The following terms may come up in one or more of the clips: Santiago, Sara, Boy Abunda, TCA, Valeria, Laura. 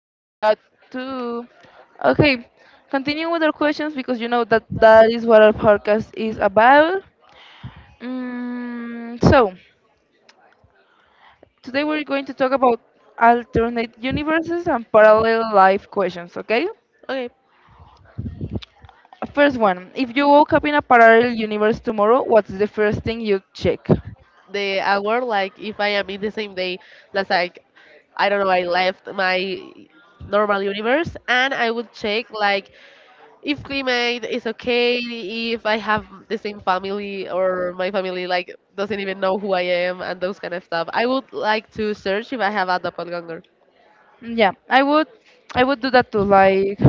too. Okay, continue with our questions because you know that is what our podcast is about. Mm, so, Today we're going to talk about alternate universes and parallel life questions, okay? Okay. First one. If you woke up in a parallel universe tomorrow, what's the first thing you check? The hour, like, if I am in the same day, that's like, I don't know, I left my normal universe and I would check, like, if climate is okay, if I have the same family or my family, like, doesn't even know who I am and those kind of stuff. I would like to search if I have a doppelganger. Yeah, I would do that too, like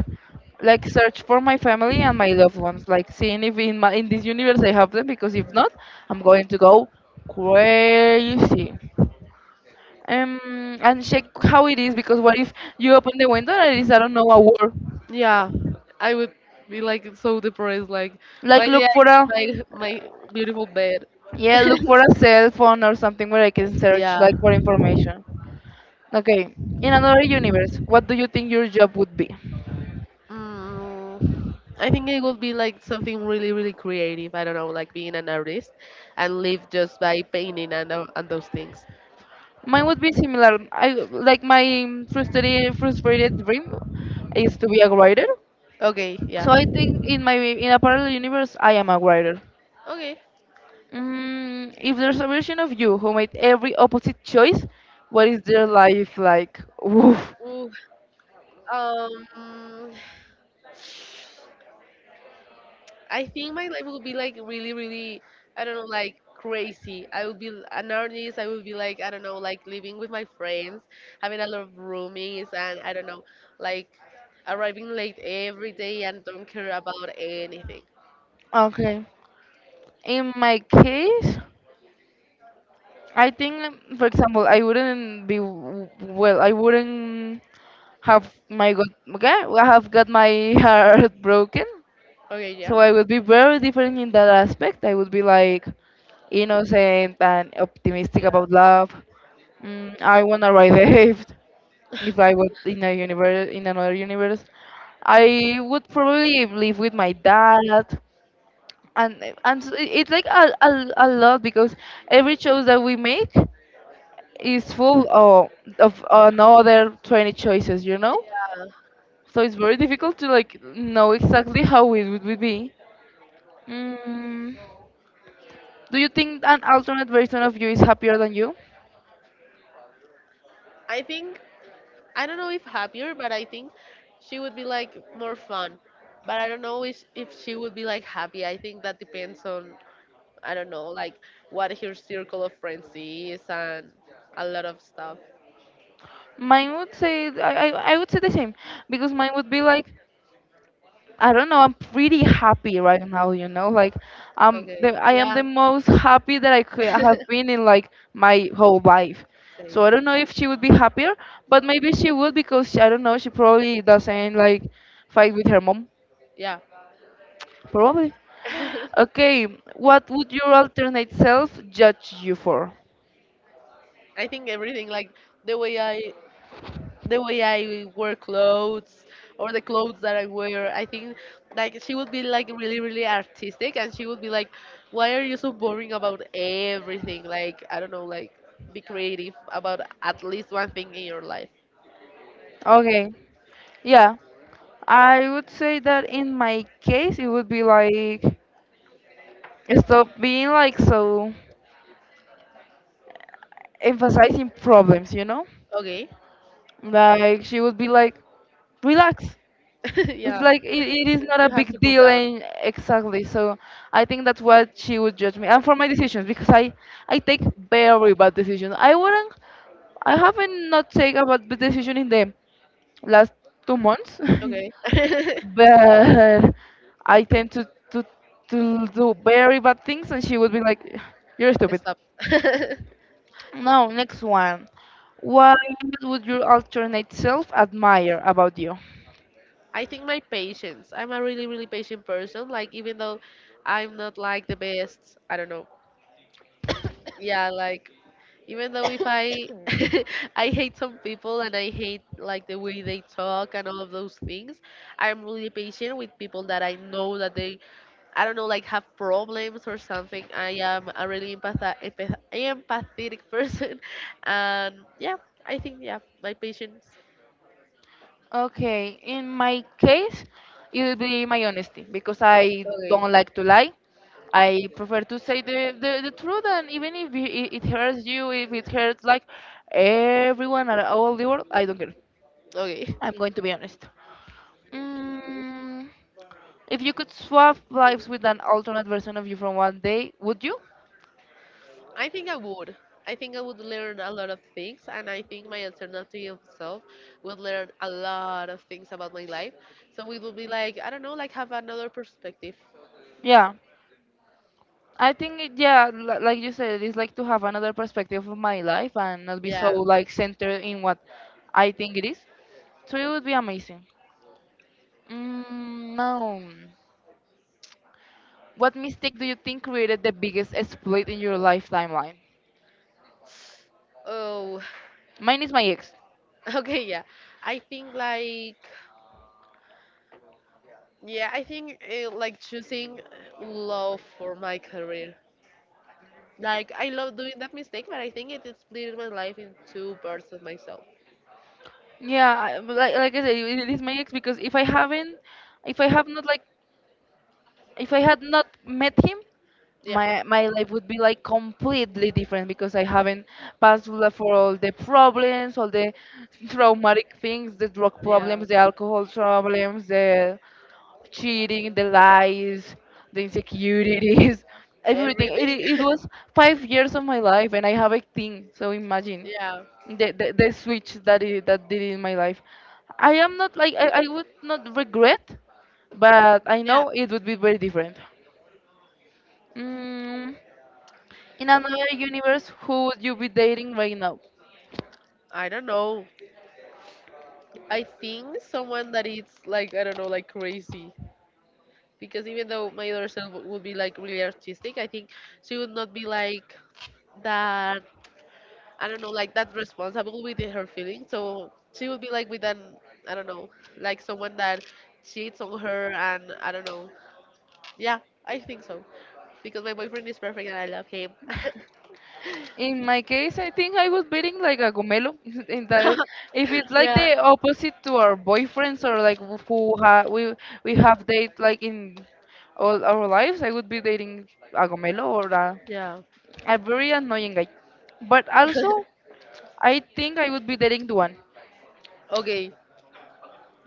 search for my family and my loved ones, like seeing if in this universe I have them, because if not, I'm going to go crazy. And check how it is, because what if you open the window and it is, I don't know, a war. Yeah, I would be like so depressed. Like, Like why did look I for a, make my beautiful bed? yeah, look for a cell phone or something where I can search Yeah. like for information. Okay. In another universe, what do you think your job would be? I think it would be like something really, really creative. I don't know, like being an artist and live just by painting and, and those things. Mine would be similar. I like my frustrated frustrated dream is to be a writer. Okay, yeah. So I think in a parallel universe I am a writer. Okay. Mm, if there's a version of you who made every opposite choice, what is their life like? Oof. Ooh, um, I think my life would be like really, really, I don't know, like crazy. I would be an artist. I would be like, I don't know, like living with my friends, having a lot of roomies, and I don't know, like arriving late every day and don't care about anything. Okay. In my case, I think, for example, I wouldn't be well. I wouldn't have my got okay. I have got my heart broken. Okay, yeah. So I would be very different in that aspect. I would be like innocent and optimistic Yeah. about love. Mm, I wanna ride the wave. If I was in a universe, in another universe, I would probably live with my dad. It's like a lot, because every choice that we make is full of another 20 choices, you know? So it's very difficult to like know exactly how it would be. Mm. Do you think an alternate version of you is happier than you? I think, I don't know if happier, but I think she would be like more fun. But I don't know if she would be like happy. I think that depends on I don't know, like what her circle of friends is and a lot of stuff. Mine would say, I would say the same, because mine would be like, I don't know, I'm pretty happy right now, you know, like, Okay, I am yeah, the most happy that I could have been in like my whole life, same. so I don't know if she would be happier, but maybe she would because I don't know, she probably doesn't like fight with her mom Yeah, probably. Okay, what would your alternate self judge you for? I think everything like the way I the way I wear clothes or the clothes that I wear. I think like she would be like really really artistic and she would be like, why are you so boring about everything? Like I don't know, like be creative about at least one thing in your life. Okay, yeah, I would say that in my case, it would be like, stop being like so emphasizing problems, you know? Okay, Like she would be like, relax. It's yeah, like, it is not a you have to big calm deal, down. and exactly. So I think that's what she would judge me, and for my decisions, because I take very bad decisions. I wouldn't. I haven't not taken a bad decision in the last 2 months. Okay. But I tend to, to do very bad things, and she would be like, "You're stupid." Stop. Now, next one. What would your alternate self admire about you? I think my patience. I'm a really, really patient person. Like, even though I'm not like the best, I don't know. Yeah, like, even though if I, I hate some people and I hate like the way they talk and all of those things, I'm really patient with people that I know that they I don't know, like have problems or something. I am a really empathetic person, and yeah, I think yeah, my patience. Okay, in my case, it would be my honesty, because I Okay, don't like to lie. I prefer to say the truth, and even if it hurts you, if it hurts like everyone at all the world, I don't care. okay. I'm going to be honest. Mm, if you could swap lives with an alternate version of you from one day, would you? I think I would. I think I would learn a lot of things, and I think my alternative self would learn a lot of things about my life. So it would be like I don't know, like have another perspective. Yeah. I think, it, yeah, li- Like you said, it's like to have another perspective of my life and not be so Yeah. like centered in what I think it is. So it would be amazing. Mm, no. What mistake do you think created the biggest split in your life timeline? Oh, Mine is my ex. okay, yeah. I think like Yeah, I think like choosing love for my career. Like I love doing that mistake, but I think it is splitting my life in two parts of myself. Yeah, like I said, it is my ex, because if I have not, if I had not met him, Yeah, my life would be like completely different, because I haven't passed for all the problems, all the traumatic things, the drug yeah, problems, the alcohol problems, the cheating, the lies, the insecurities, everything. Everything. It was 5 years of my life, and I have 18. So imagine yeah, the switch that that did in my life. I am not like, I would not regret, but I yeah. know it would be very different. Mm, in another universe, who would you be dating right now? I don't know. I think someone that is like I don't know, like crazy. Because even though my other self would be like really artistic, I think she would not be like that I don't know, like that's responsible with her feelings. So she would be like with an, I don't know, like someone that cheats on her, and I don't know. Yeah, I think so because my boyfriend is perfect and I love him. In my case, I think I was beating like a gomelo. In that, if it's like yeah, the opposite to our boyfriends or like who ha we have date like in all our lives, I would be dating a gomelo or yeah. a very annoying guy. But also, I think I would be dating Duan, Okay,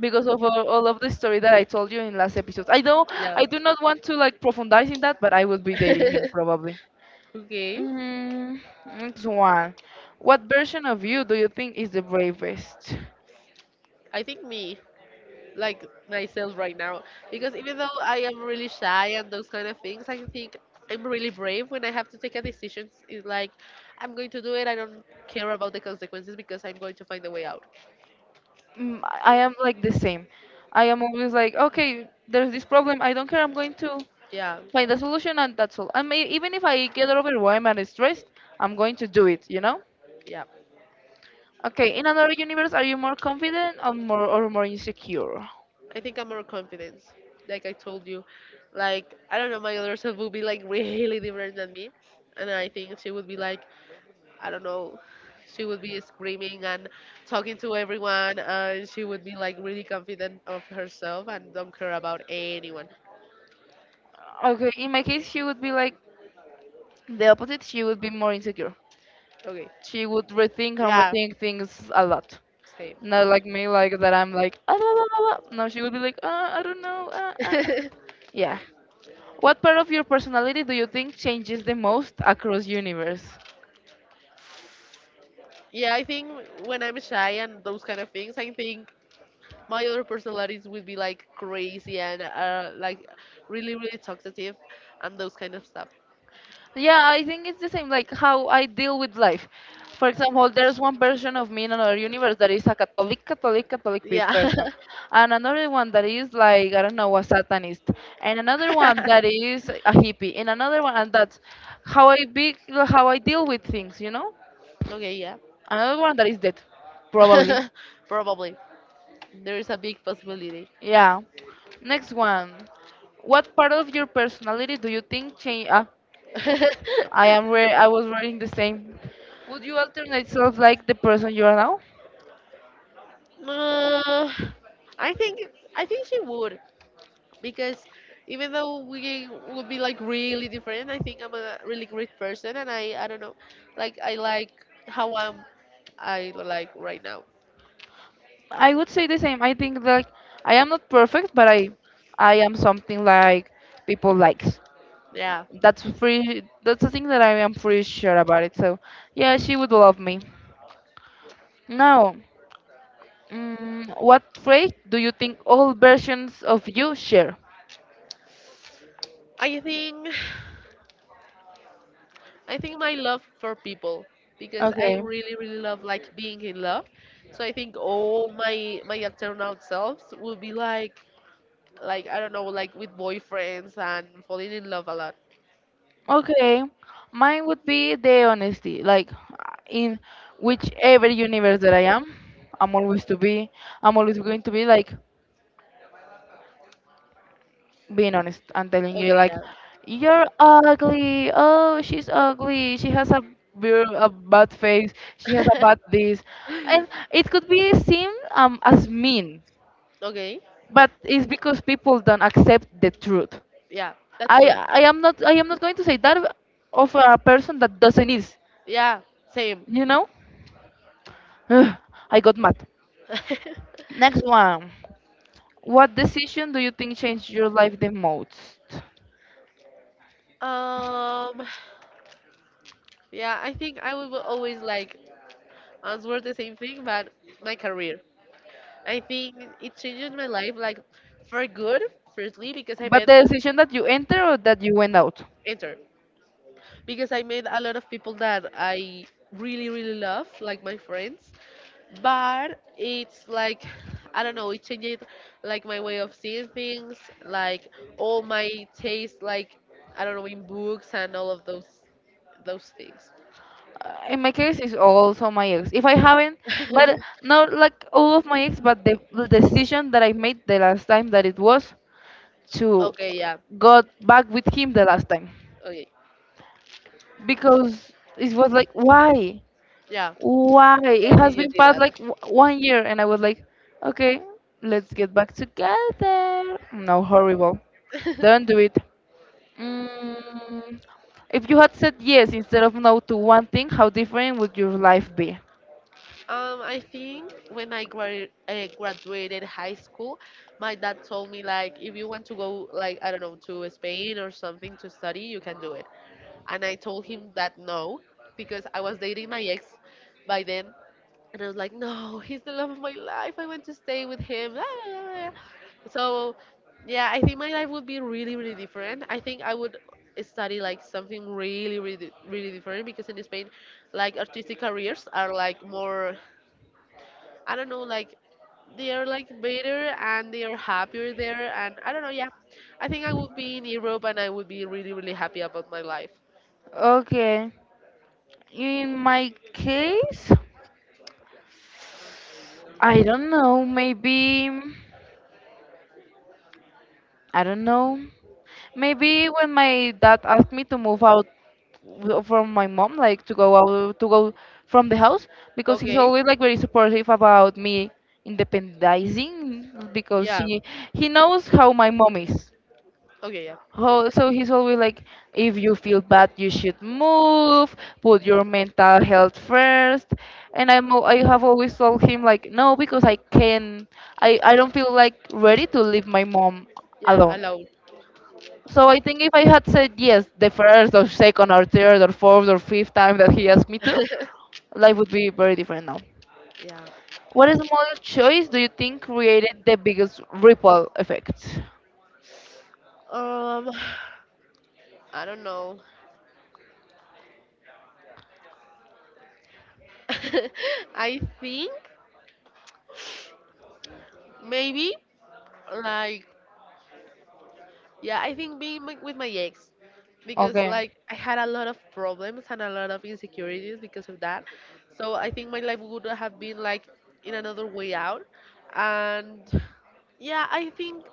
because of all of the story that I told you in last episodes. I don't, yeah. I do not want to like profundize in that, but I would be dating him probably. okay, Mm, next one. What version of you do you think is the bravest? I think me. Like myself right now because even though I am really shy and those kind of things, I think I'm really brave when I have to take a decision. It's like I'm going to do it. I don't care about the consequences because I'm going to find a way out. Mm, I am like the same. I am always like, okay, there's this problem. I don't care. I'm going to Yeah, find a solution, and that's all. I may, even if I get overwhelmed and stressed, I'm going to do it. You know? yeah. Okay. In another universe, are you more confident or more insecure? I think I'm more confident. Like I told you, like I don't know, my other self would be like really different than me, and I think she would be like, I don't know. She would be screaming and talking to everyone, and she would be like really confident of herself and don't care about anyone. Okay. In my case, she would be like the opposite. She would be more insecure. Okay. She would rethink and Yeah. rethink things a lot. Same. Not like me, like that I'm like, ah, blah, blah, blah, blah." No, she would be like, I don't know. Yeah. What part of your personality do you think changes the most across universe? yeah, I think when I'm shy and those kind of things, I think my other personalities would be like crazy and like really, really talkative and those kind of stuff. Yeah, I think it's the same, like how I deal with life. For example, there's one version of me in another universe that is a Catholic pe- Yeah. person, and another one that is like, I don't know, a Satanist, and another one that is a hippie, and another one, and that's how I be, how I deal with things, you know? okay, yeah. Another one that is dead, probably. Probably. There is a big possibility. Yeah. Next one. What part of your personality do you think change? Ah, I was reading the same. Would you alternate self like the person you are now? Uh, I think I think she would because even though we would be like really different, I think I'm a really great person, and I don't know, like I like how I like right now. I would say the same. I think like I am not perfect, but I am something like people likes. Yeah, That's free. That's the thing that I am pretty sure about it. So yeah, she would love me. Now, mm, what trait do you think all versions of you share? I think I think my love for people because I Okay, really really love like being in love. So I think all my external selves will be like I don't know like with boyfriends and falling in love a lot. okay. Mine would be the honesty. Like in whichever universe that I am, I'm always to be. I'm always going to be like being honest and telling you Okay, like, yeah. you're ugly. Oh, she's ugly. She has a bad face. She has a bad this, and it could be seen as mean, okay. but it's because people don't accept the truth. Yeah, that's true. I am not, I am not going to say that of a person that doesn't is. Yeah, same. You know? Ugh, I got mad. Next one. What decision do you think changed your life the most? um, yeah, I think I will always like answer the same thing, but my career. I think it changed my life like for good. Firstly, because I But met the decision that you enter or that you went out? enter, a lot of people that I really really love, like my friends, but it's like I don't know, it changed like my way of seeing things, like all my taste, like I don't know, in books and all of those things. In my case, it's also my ex. If I haven't, but not like all of my ex, but the decision that I made the last time, that it was to okay, yeah, go back with him the last time. okay, Because it was like, yeah. why Why it did has you been do past that? like one year and I was like, okay, let's get back together. No, horrible, don't do it. Mm, if you had said yes instead of no to one thing, how different would your life be? I think when I graduated high school, my dad told me like, if you want to go like I don't know to Spain or something to study, you can do and I told him that no because I was dating my ex by then and I was like no he's the love of my life I want to stay with him so yeah I think my life would be really really different I think I would study like something really really really different because in Spain like artistic careers are like more I don't know like they are like better and they are happier there and I don't know yeah I think I would be in Europe and I would be really really happy about my life Okay, in my case, I don't know, maybe, I don't know. Maybe when my dad asked me to move out from my mom, like to go from the house, because he's okay always like very supportive about me independizing, because Yeah. she he knows how my mom is. Okay. Yeah. How, so he's always like, if you feel bad, you should move. Put your mental health first. And I have always told him like, no, because I can. I don't feel like ready to leave my mom Yeah. alone. Alone. So I think if I had said yes the first or second or third or fourth or fifth time that he asked me to, life would be very different now. yeah. What small choice do you think created the biggest ripple effect? Um. I don't know. I think maybe like yeah. I think being with my ex because Okay. like I had a lot of problems and a lot of insecurities because of that. So I think my life would have been like in another way out. And yeah, I think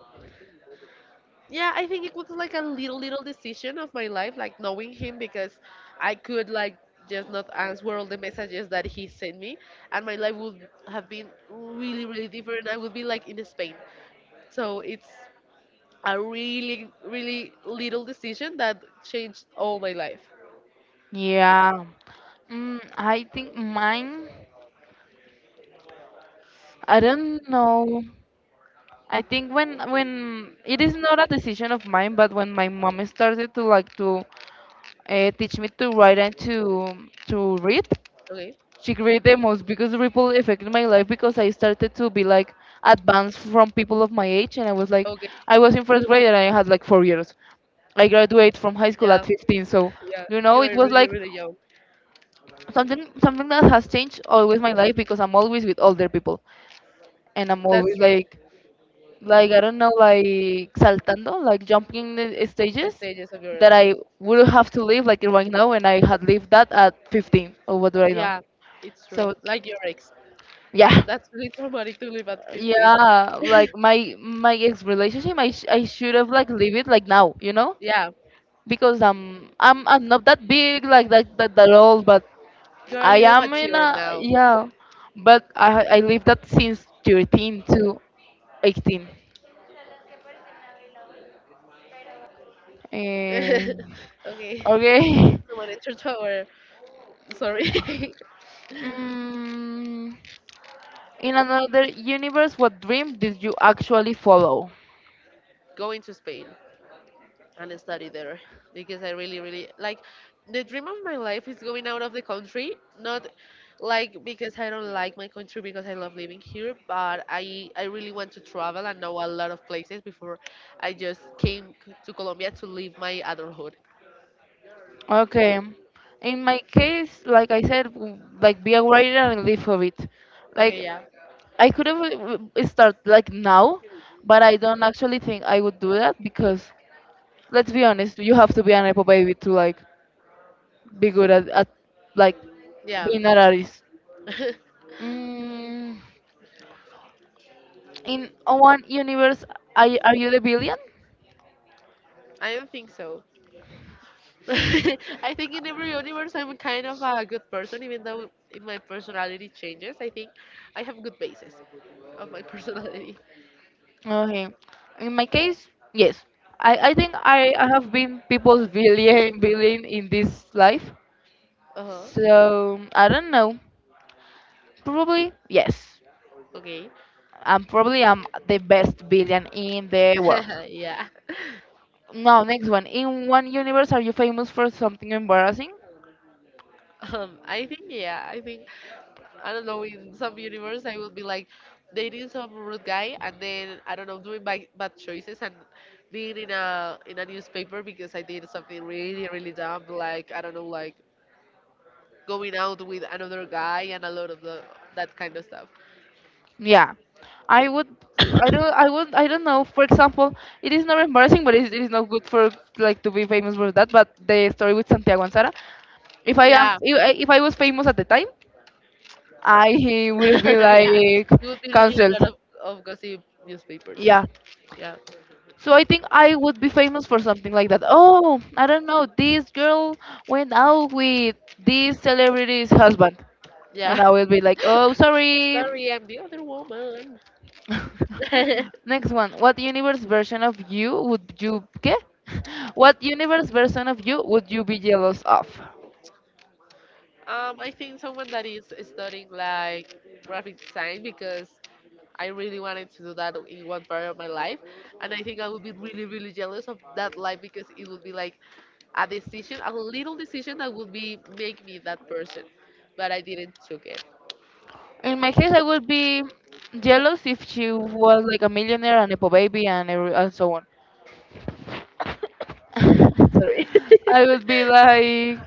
Yeah, I think it was like a little decision of my life, like knowing him because I could like just not answer all the messages that he sent me, and my life would have been really really different. I would be like in Spain. So it's a really really little decision that changed all my life. Yeah. Mm, I think mine, I don't know. I think when it is not a decision of mine, but when my mom started to teach me to write and to read, Okay, she created the most biggest ripple effect in my life, because I started to be like advanced from people of my age, and I was like, okay, I was in first grade and I had like 4 years. I graduated from high school yeah, at 15, so yeah. It You're was really like really young. Something that has changed always my life, because I'm always with older people and I'm That's always true. like I don't know, like saltando, like jumping the The stages stages of your that life. I would have to live like right now, and I had lived that at 15, or what do I know. Yeah, it's true. So, Like your ex. yeah, That's really traumatic to live at 15. yeah, like my ex relationship. I should have like leave it like now, Yeah, because I'm not that big, like that old, but you're a I little am in mature a, now. yeah, but I lived that since 13 to 18. um, okay, okay. someone entered our. Sorry. mm, in another universe, what dream did you actually follow? Going to Spain and study there because I really, really like the dream of my life is going out of the country. Not like because I don't like my country because I love living here, but I really want to travel and know a lot of places before I just to Colombia to live my adulthood. Okay. In my case, like I said, like be a writer and live for it. Like Okay, yeah, I could have start like now, but I don't actually think I would do that because, let's be honest, you have to be an Apple baby to like be good at like yeah. being an artist. Mm, in one universe, are you the billion? I don't think so. I think in every universe I'm kind of a good person, even though if my personality changes. I think I have good basis of my personality. Okay. In my case, yes. I think I have been people's villain in this life. Uh huh. So I don't know. Probably yes. Okay. I'm probably I'm the best villain in the world. yeah. Now, next one. In one universe, are you famous for something embarrassing? I think yeah. I think I don't know. In some universe, I will be like dating some rude guy, and then I don't know doing bad, bad choices and being in a newspaper because I did something really really dumb. Like I don't know, like going out with another guy and a lot of that kind of stuff. Yeah, I would. I don't. I would. I don't know. For example, it is not embarrassing, but it is not good for like to be famous for that. But the story with Santiago and Sara. If I am, Yeah, if I was famous at the time, I would have been yeah. like You would be going reading a cancelled. lot of gossip newspapers. Yeah, Yeah, so I think I would be famous for something like that. Oh, I don't know. This girl went out with this celebrity's husband, and yeah. I will be like, oh, sorry. Sorry, I'm the other woman. um, Next one. What universe version of you would you get? What universe version of you would you be jealous of? I think someone that is studying like graphic design because I really wanted to do that in one part of my life, and I think I would be really, really jealous of that life because it would be like a decision, a little decision that would be make me that person, but I didn't took it. In my case, I would be jealous if she was like a millionaire and a po baby and and so on. Sorry. I would be like,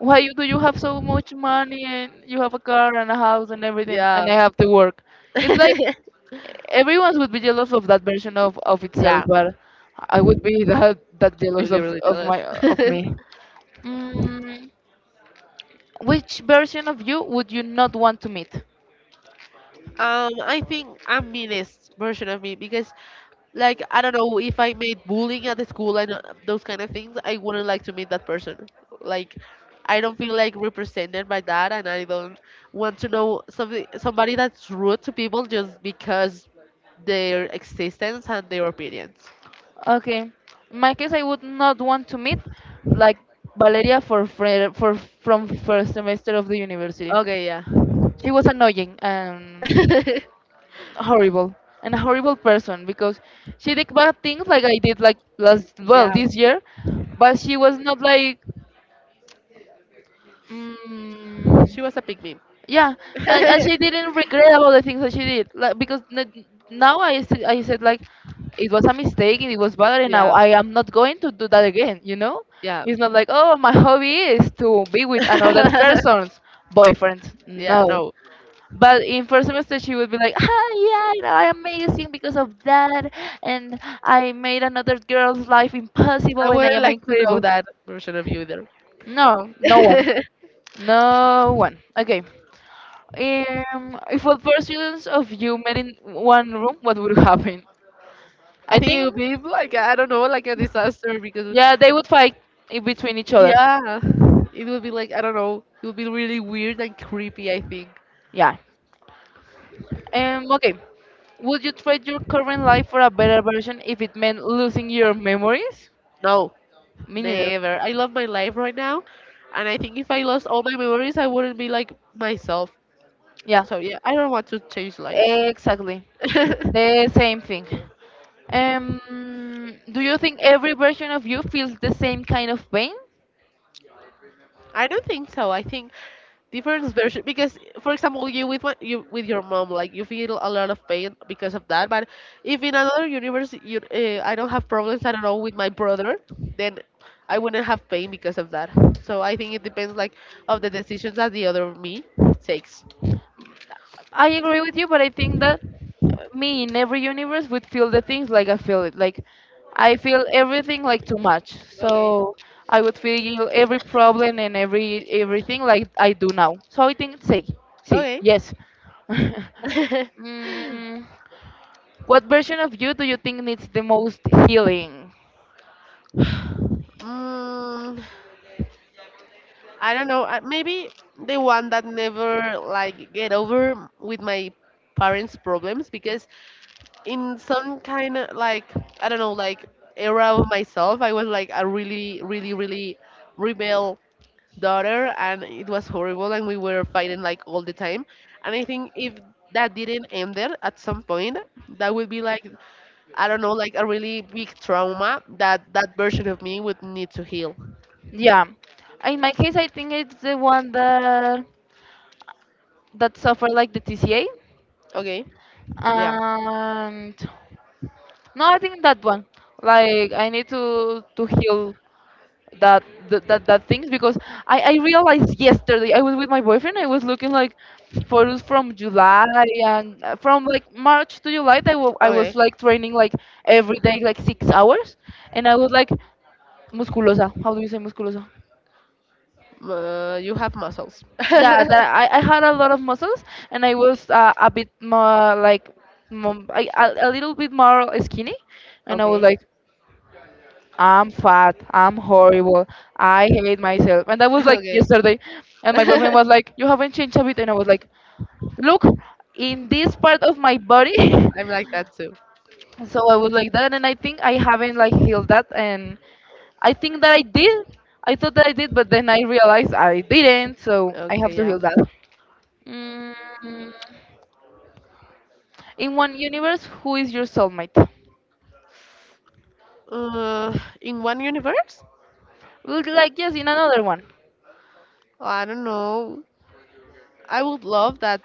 why do you have so much money and you have a car and a house and everything, and I Yeah. have to work? It's like everyone would be jealous of that version of itself, yeah, but I would be that jealous really, of, really of jealous. my of me. Mm, which version of you would you not want to meet? I think I'm meanest version of me because like I don't know if I made bullying at the school and those kind of things, I wouldn't like to meet that person. Like I don't feel like represented by that, and I don't want to know something somebody that's rude to people just because their existence and their opinions. Okay, in my case, I would not want to meet like Valeria for, fre- for from first semester of the university. Okay, She was annoying, and yeah. horrible, and a horrible person, because she did bad things like I did, like last well, Yeah, this year, but she was not like, mm, she was a pig meme. yeah, and she didn't regret about the things that she did, like because now I said like it was a mistake and it was bad, and now yeah, I am not going to do that again, yeah. it's not like, oh, my hobby is to be with another person's boyfriend. yeah, No. no. But in first semester, she would be like, "Ah, yeah, you know, I'm amazing because of that, and I made another girl's life impossible, I and I wouldn't am like to know incredible." that version of you either. No, no one, no one. Okay. If all four students of you met in one room, what would happen? I I think it think, would be like, I don't know, like a disaster because yeah, they would fight in between each other. yeah, it would be like, I don't know, it would be really weird and creepy. I think Yeah. Okay. Would you trade your current life for a better version if it meant losing your memories? no, Me neither. never. I love my life right now, and I think if I lost all my memories, I wouldn't be like myself. Yeah, So yeah, I don't want to change lives. exactly. The same thing. Do you think every version of you feels the same kind of pain? I don't think so. I think different version because, for example, you with my, you with your mom, like you feel a lot of pain because of that. But if in another universe, you I don't have problems. I don't know with my brother, then I wouldn't have pain because of that. So I think it depends like of the decisions that the other me takes. I agree with you, but I think that me in every universe would feel the things like I feel it. Like, I feel everything like too much. Okay. So I would feel every problem and everything like I do now. So I think Okay. yes. mm, what version of you do you think needs the most healing? Mm, I don't know. Maybe the one that never like get over with my parents' problems because in some kind of like, I don't know, like era of myself, I was like a really, really, really rebel daughter, and it was horrible, and we were fighting like all the time. And I think if that didn't end there at some point, that would be like, I don't know, like a really big trauma that version of me would need to heal. Yeah. In my case, I think it's the one that suffered like the TCA. Okay, And no, I think that one. Like, I need to heal that that things, because I realized yesterday I was with my boyfriend. I was looking like photos from July, and from like March to July. I was okay. like training like every day like 6 hours, and I was like musculosa. How do you say musculosa? You have muscles. Yeah, that I had a lot of muscles, and I was a bit more like a little bit more skinny, and I was Okay. like, I'm fat, I'm horrible, I hate myself. And that was like Okay. yesterday, and my boyfriend I'm was like, you haven't changed a bit, and I was like, look in this part of my body. like that too. So I was like that, and I think I haven't like healed that, and I think that I did. I thought that I did, but then I realized I didn't. So I have Okay, to heal yeah. that. Mm. In one universe, who is your soulmate? Uh, in one universe? Would you like yes, in another one. I don't know. I would love that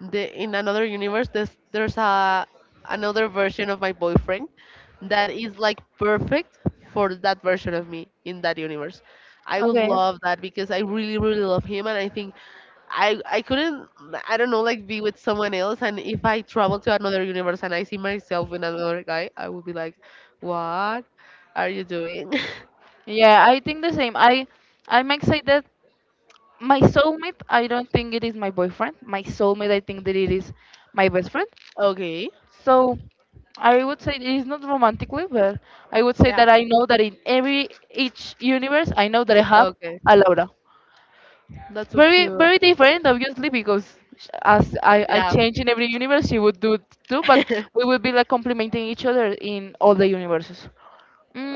the in another universe there's a another version of my boyfriend that is like perfect for that version of me in that universe. I would Okay. love that because I really, really love him, and I think I couldn't, I don't know, like be with someone else. And if I travel to another universe and I see myself with another guy, I would be like, what are you doing? Yeah, I think the same. I might say that my soulmate, I don't think it is my boyfriend. My soulmate, I think that it is my best friend. Okay. So I would say it is not romantically, but I would say Yeah. that I know that in every each universe, I know that I have Okay. a Laura. That's so Very, cute. very different, obviously, because as I Yeah. change in every universe, she would do it too, but we would be like complementing each other in all the universes.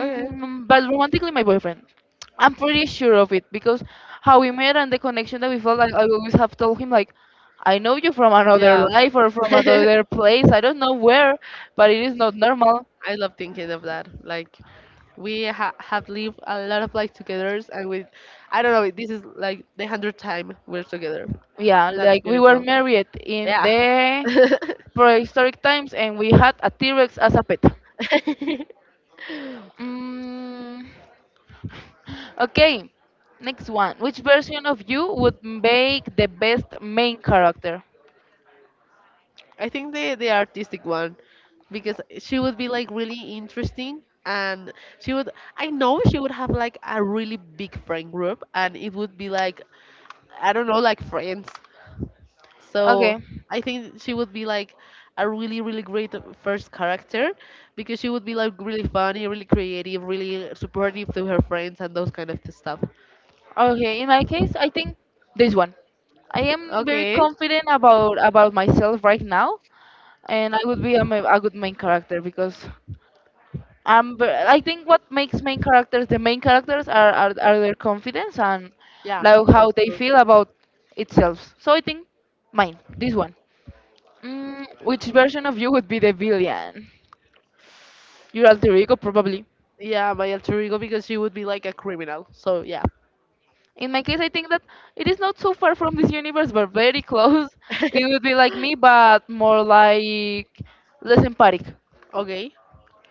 Okay. But romantically, my boyfriend. I'm pretty sure of it, because how we met and the connection that we felt, like I always have told him, like, I know you from another Yeah. life or from another place. I don't know where, but it is not normal. I love thinking of that. Like we have lived a lot of like togethers, and we, I don't know. This is like the 100th time we're together. Yeah, That's like we were beautiful. married in Yeah. the prehistoric times, and we had a T-Rex as a pet. Mm, okay, next one. Which version of you would make the best main character? I think the artistic one, because she would be like really interesting, and she would. I know she would have like a really big friend group, and it would be like, I don't know, like friends. So Okay. I think she would be like a really, really great first character because she would be like really funny, really creative, really supportive to her friends and those kind of stuff. Okay. In my case, I think this one. I am very Okay. confident about myself right now, and I would be a good main character, because I think what makes main characters the main characters are their confidence and Yeah, like how that's they true. feel about itself. So I think mine, this one. Which version of you would be the villain? Your alter ego, probably. Yeah, my alter ego because she would be like a criminal. So yeah. In my case, I think that it is not so far from this universe, but very close. It would be like me, but more like less empathic. Okay.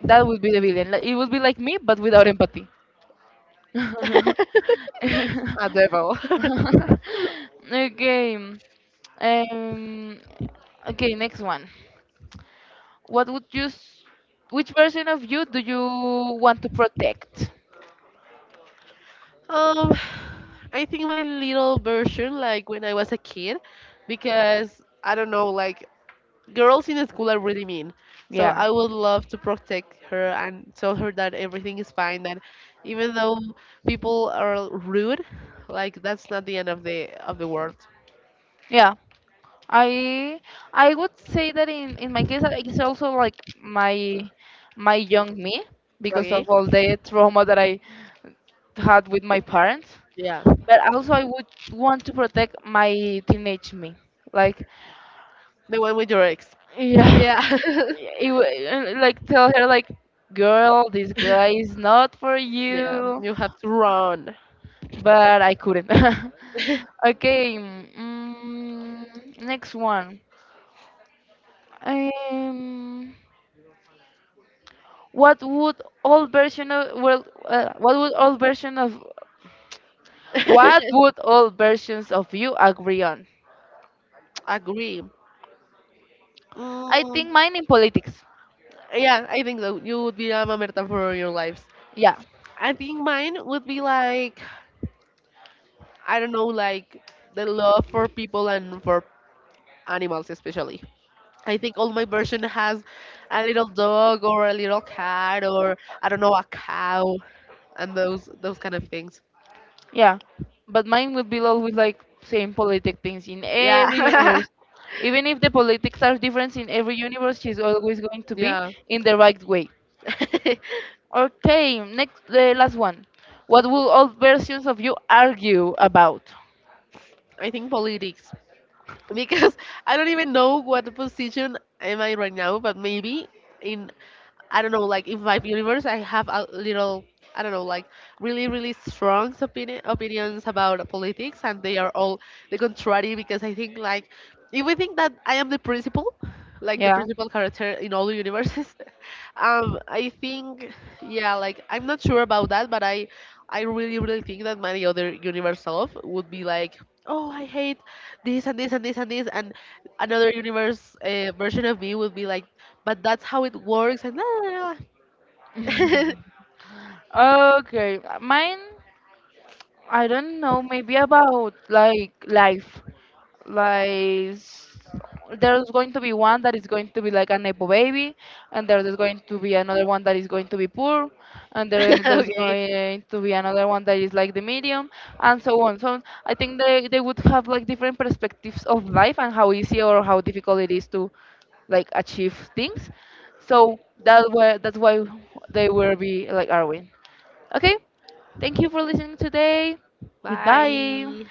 That would be the villain. Like, it would be like me, but without empathy. A devil. Okay. Um, okay, next one. What would you? Which version of you do you want to protect? Um, I think my little version, like when I was a kid, because I don't know, like girls in the school are really mean. So Yeah. I would love to protect her and tell her that everything is fine. That even though people are rude, like that's not the end of the world. Yeah. I I would say that in my case it's also like my my young me, because Okay? of all the trauma that I had with my parents. Yeah. But also I would want to protect my teenage me. Like, The one with your ex. yeah, Yeah. Like tell her, like, girl, this guy is not for Yeah. Yeah. you. You have to run. But I couldn't. Okay, next one. Um. What would old version of well, uh, what would old version of what would old versions of you agree on? Agree. I Mm, think mine in politics. yeah, I think that you would be a mamerta for your lives. Yeah, I think mine would be like, I don't know, like the love for people and for animals especially. I think all my version has a little dog or a little cat or, I don't know, a cow and those kind of things. yeah, but mine would be always like same politic things in Yeah, every universe. Even if the politics are different in every universe, she's always going to be yeah. in the right way. Okay, next, the last one. What will old versions of you argue about? I think politics because I don't even know what position am I right now, but maybe in, I don't know, like in my universe, I have a little, I don't know, like really, really strong opinion, opinions about politics, and they are all the contrary because I think, like, if we think that I am the principal, like the Yeah. principal character in all the universes, I think, yeah, like I'm not sure about that, but I really, really think that my other universe self would be like, oh, I hate this and this and this and this, and another universe version of me would be like, but that's how it works, and Okay. Mine. I don't know, maybe about like life. Like, there's going to be one that is going to be like a nepo baby, and there is going to be another one that is going to be poor, and there there's okay, going to be another one that is like the medium, and so on. So I think they would have like different perspectives of life and how easy or how difficult it is to like achieve things. So that's why they will be like Arwen. Okay. Thank you for listening today. Goodbye. bye.